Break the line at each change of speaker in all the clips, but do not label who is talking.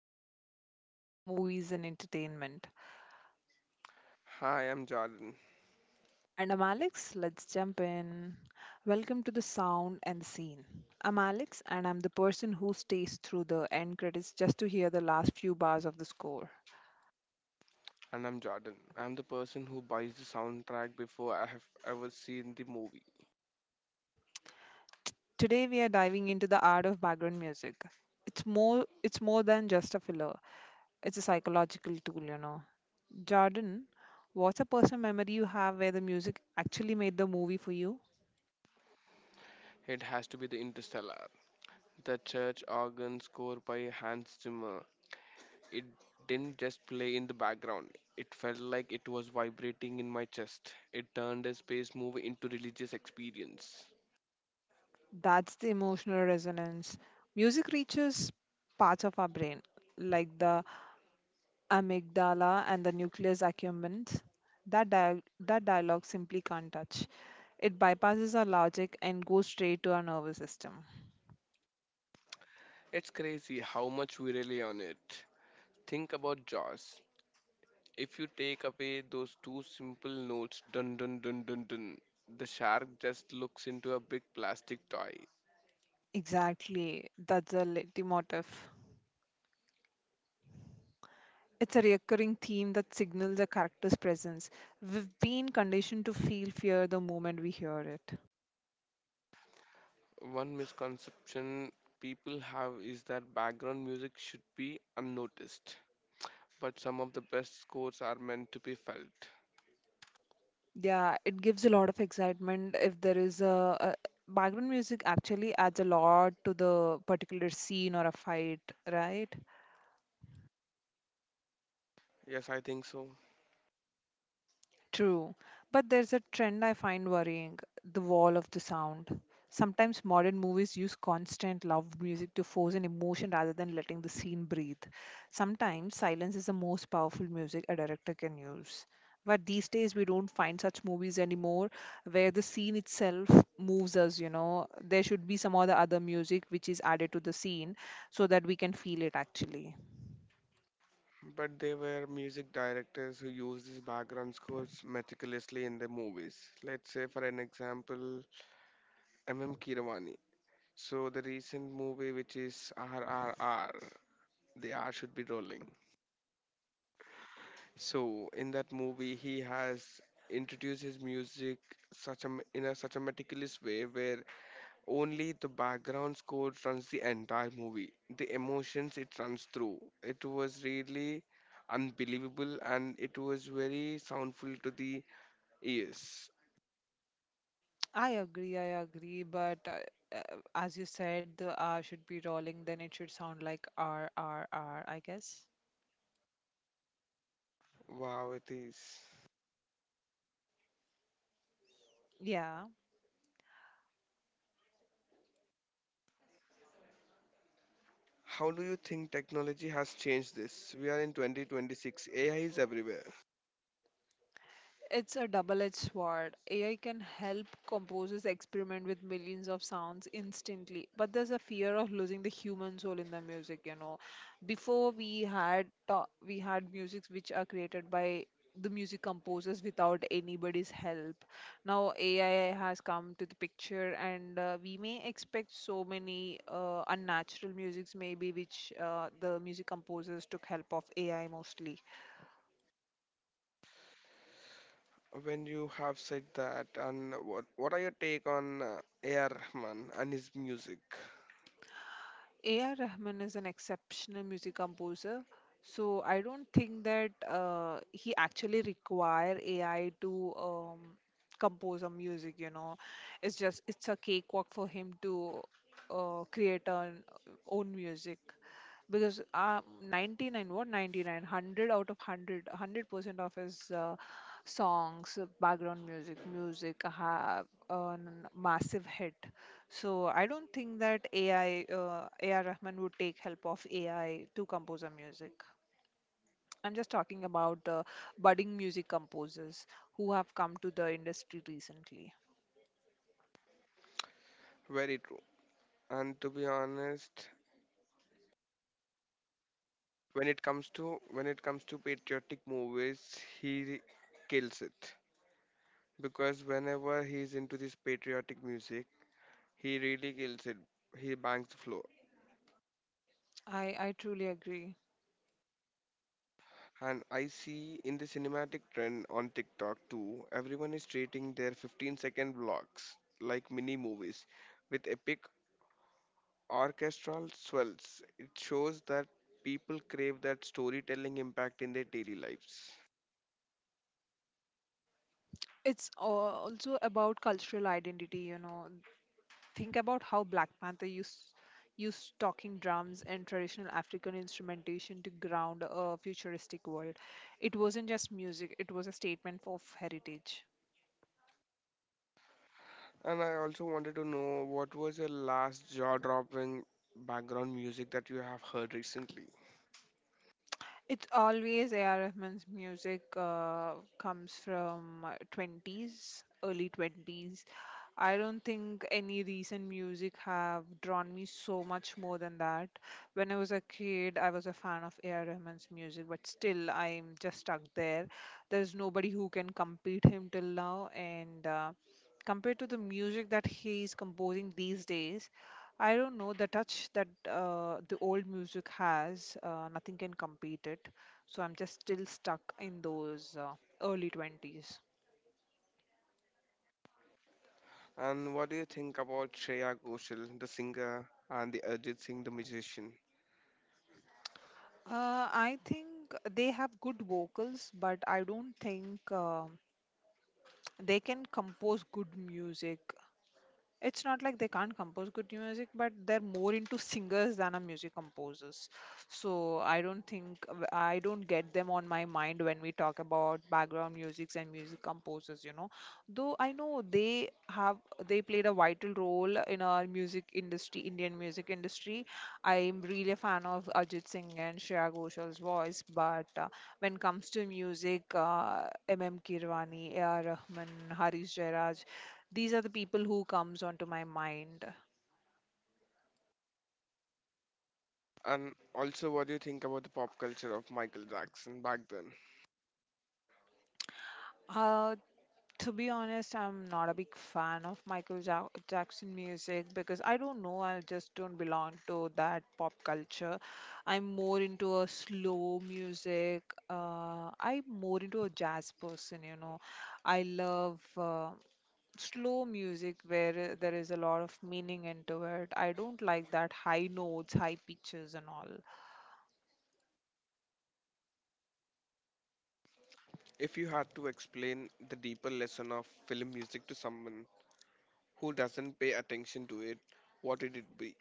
favorite pastime, movies, and entertainment.
Hi, I'm Jordan.
And I'm Alex, let's jump in. Welcome to the sound and scene. I'm Alex, and I'm the person who stays through the end credits just to hear the last few bars of the score.
And I'm Jordan. I'm the person who buys the soundtrack before I have ever seen the movie.
Today, we are diving into the art of background music. It's more than just a filler, it's a psychological tool, you know. Jordan, what's a personal memory you have where the music actually made the movie for you?
It has to be the Interstellar. The church organ score by Hans Zimmer. It didn't just play in the background. It felt like it was vibrating in my chest. It turned a space movie into religious experience.
That's the emotional resonance. Music reaches parts of our brain, like the amygdala and the nucleus accumbens, that dialogue simply can't touch. It bypasses our logic and goes straight to our nervous system.
It's crazy how much we rely on it. Think about Jaws. If you take away those two simple notes, dun dun dun dun dun, the shark just looks into a big plastic toy.
Exactly, that's the leitmotif. It's a recurring theme that signals a character's presence. We've been conditioned to feel fear the moment we hear it.
One misconception people have is that background music should be unnoticed, but some of the best scores are meant to be felt.
Yeah, it gives a lot of excitement if there is a background music actually adds a lot to the particular scene or a fight, right?
Yes, I think so.
True, but there's a trend I find worrying the wall of the sound. Sometimes modern movies use constant loud music to force an emotion rather than letting the scene breathe. Sometimes silence is the most powerful music a director can use. But these days we don't find such movies anymore where the scene itself moves us, you know. There should be some other music which is added to the scene so that we can feel it actually.
But there were music directors who used these background scores meticulously in their movies. Let's say, for an example, M.M. Kiravani. So the recent movie, which is RRR, the art should be rolling. So in that movie, he has introduced his music such a m- in a such a meticulous way where only the background score runs the entire movie. The emotions it runs through. It was really unbelievable and it was very soundful to the ears.
I agree, but as you said, the R should be rolling, then it should sound like R, R, R, I guess.
Wow, it is.
Yeah.
How do you think technology has changed this? We are in 2026. AI is everywhere.
It's a double-edged sword. AI can help composers experiment with millions of sounds instantly, but there's a fear of losing the human soul in the music, you know. Before we had ta- We had musics which are created by the music composers without anybody's help. Now AI has come to the picture, and we may expect so many unnatural musics maybe which the music composers took help of AI mostly.
When you have said that, and what are your take on AR Rahman and his music?
A.R. Rahman is an exceptional music composer, so I don't think that he actually require AI to compose a music. You know, it's just it's a cakewalk for him to create an own music because 99 100 out of 100% of his songs background music have a massive hit. So I don't think that AI, A.R. Rahman would take help of AI to compose a music. I'm just talking about budding music composers who have come to the industry recently.
Very true. And to be honest, when it comes to, when it comes to patriotic movies, he kills it, because whenever he's into this patriotic music, he really kills it. He bangs the floor.
I i truly agree.
And I see in the cinematic trend on TikTok too, everyone is treating their 15-second vlogs like mini movies with epic orchestral swells. It shows that people crave that storytelling impact in their daily lives.
Also about cultural identity, you know. Think about how Black Panther used talking drums and traditional African instrumentation to ground a futuristic world. It wasn't just music, it was a statement of heritage.
And I also wanted to know, what was your last jaw dropping background music that you have heard recently?
It's always A.R. Rahman's music, comes from 20s, early 20s. I don't think any recent music have drawn me so much more than that. When I was a kid, I was a fan of A.R. Rahman's music, but still I'm just stuck there. There's nobody who can compete him till now, and compared to the music that he is composing these days, I don't know the touch that the old music has. Nothing can compete it. So I'm just still stuck in those early twenties.
And what do you think about Shreya Ghoshal, the singer, and the Arjit Singh, the musician?
I think they have good vocals, but I don't think they can compose good music. It's not like they can't compose good music, but they're more into singers than a music composers. So I don't think, I don't get them on my mind when we talk about background musics and music composers, you know. Though I know they have, they played a vital role in our music industry, Indian music industry. I'm really a fan of Ajit Singh and Shreya Ghoshal voice, but when it comes to music, MM Kirwani, AR Rahman, Harish Jairaj, these are the people who comes onto my mind.
And also, what do you think about the pop culture of Michael Jackson back then?
uh to be honest, I'm not a big fan of Jackson music, because I don't know, I just don't belong to that pop culture. I'm more into a slow music. I'm more into a jazz person, you know. I love slow music where there is a lot of meaning into it. I don't like that high notes, high pitches and all
If you had to explain the deeper lesson of film music to someone who doesn't pay attention to it, what would it be?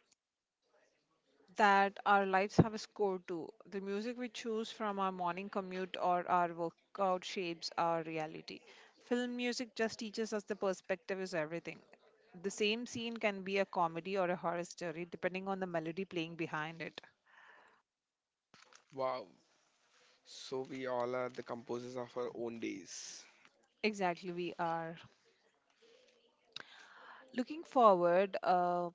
that our lives have a score to. The music we choose from our morning commute or our workout shapes our reality. Film music just teaches us the perspective is everything. The same scene can be a comedy or a horror story depending on the melody playing behind it.
Wow, so we all are the composers of our own days.
Exactly, we are. Looking forward, uh,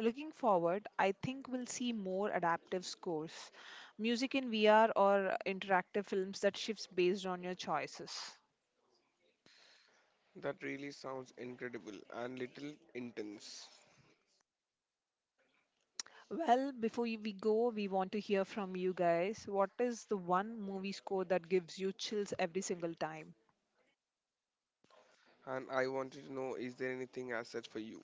Looking forward, I think we'll see more adaptive scores, music in VR or interactive films that shifts based on your choices.
That really sounds incredible and little intense.
Well, we go, we want to hear from you guys. What is the one movie score that gives you chills every single time?
And I wanted to know, is there anything as such for you?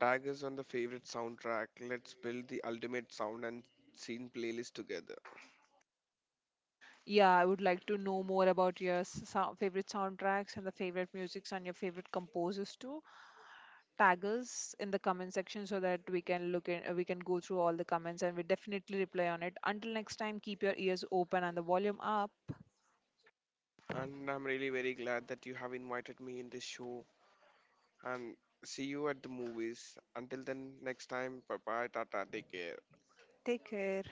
Tag us on the favorite soundtrack. Let's build the ultimate sound and scene playlist together.
Yeah, I would like to know more about your favorite soundtracks and the favorite musics and your favorite composers too. Tag us in the comment section so that we can look in, we can go through all the comments and we definitely reply on it. Until next time, keep your ears open and the volume up.
And I'm really very glad that you have invited me in this show. And see you at the movies. Until then, next time, bye bye, tata, take care.
Take care.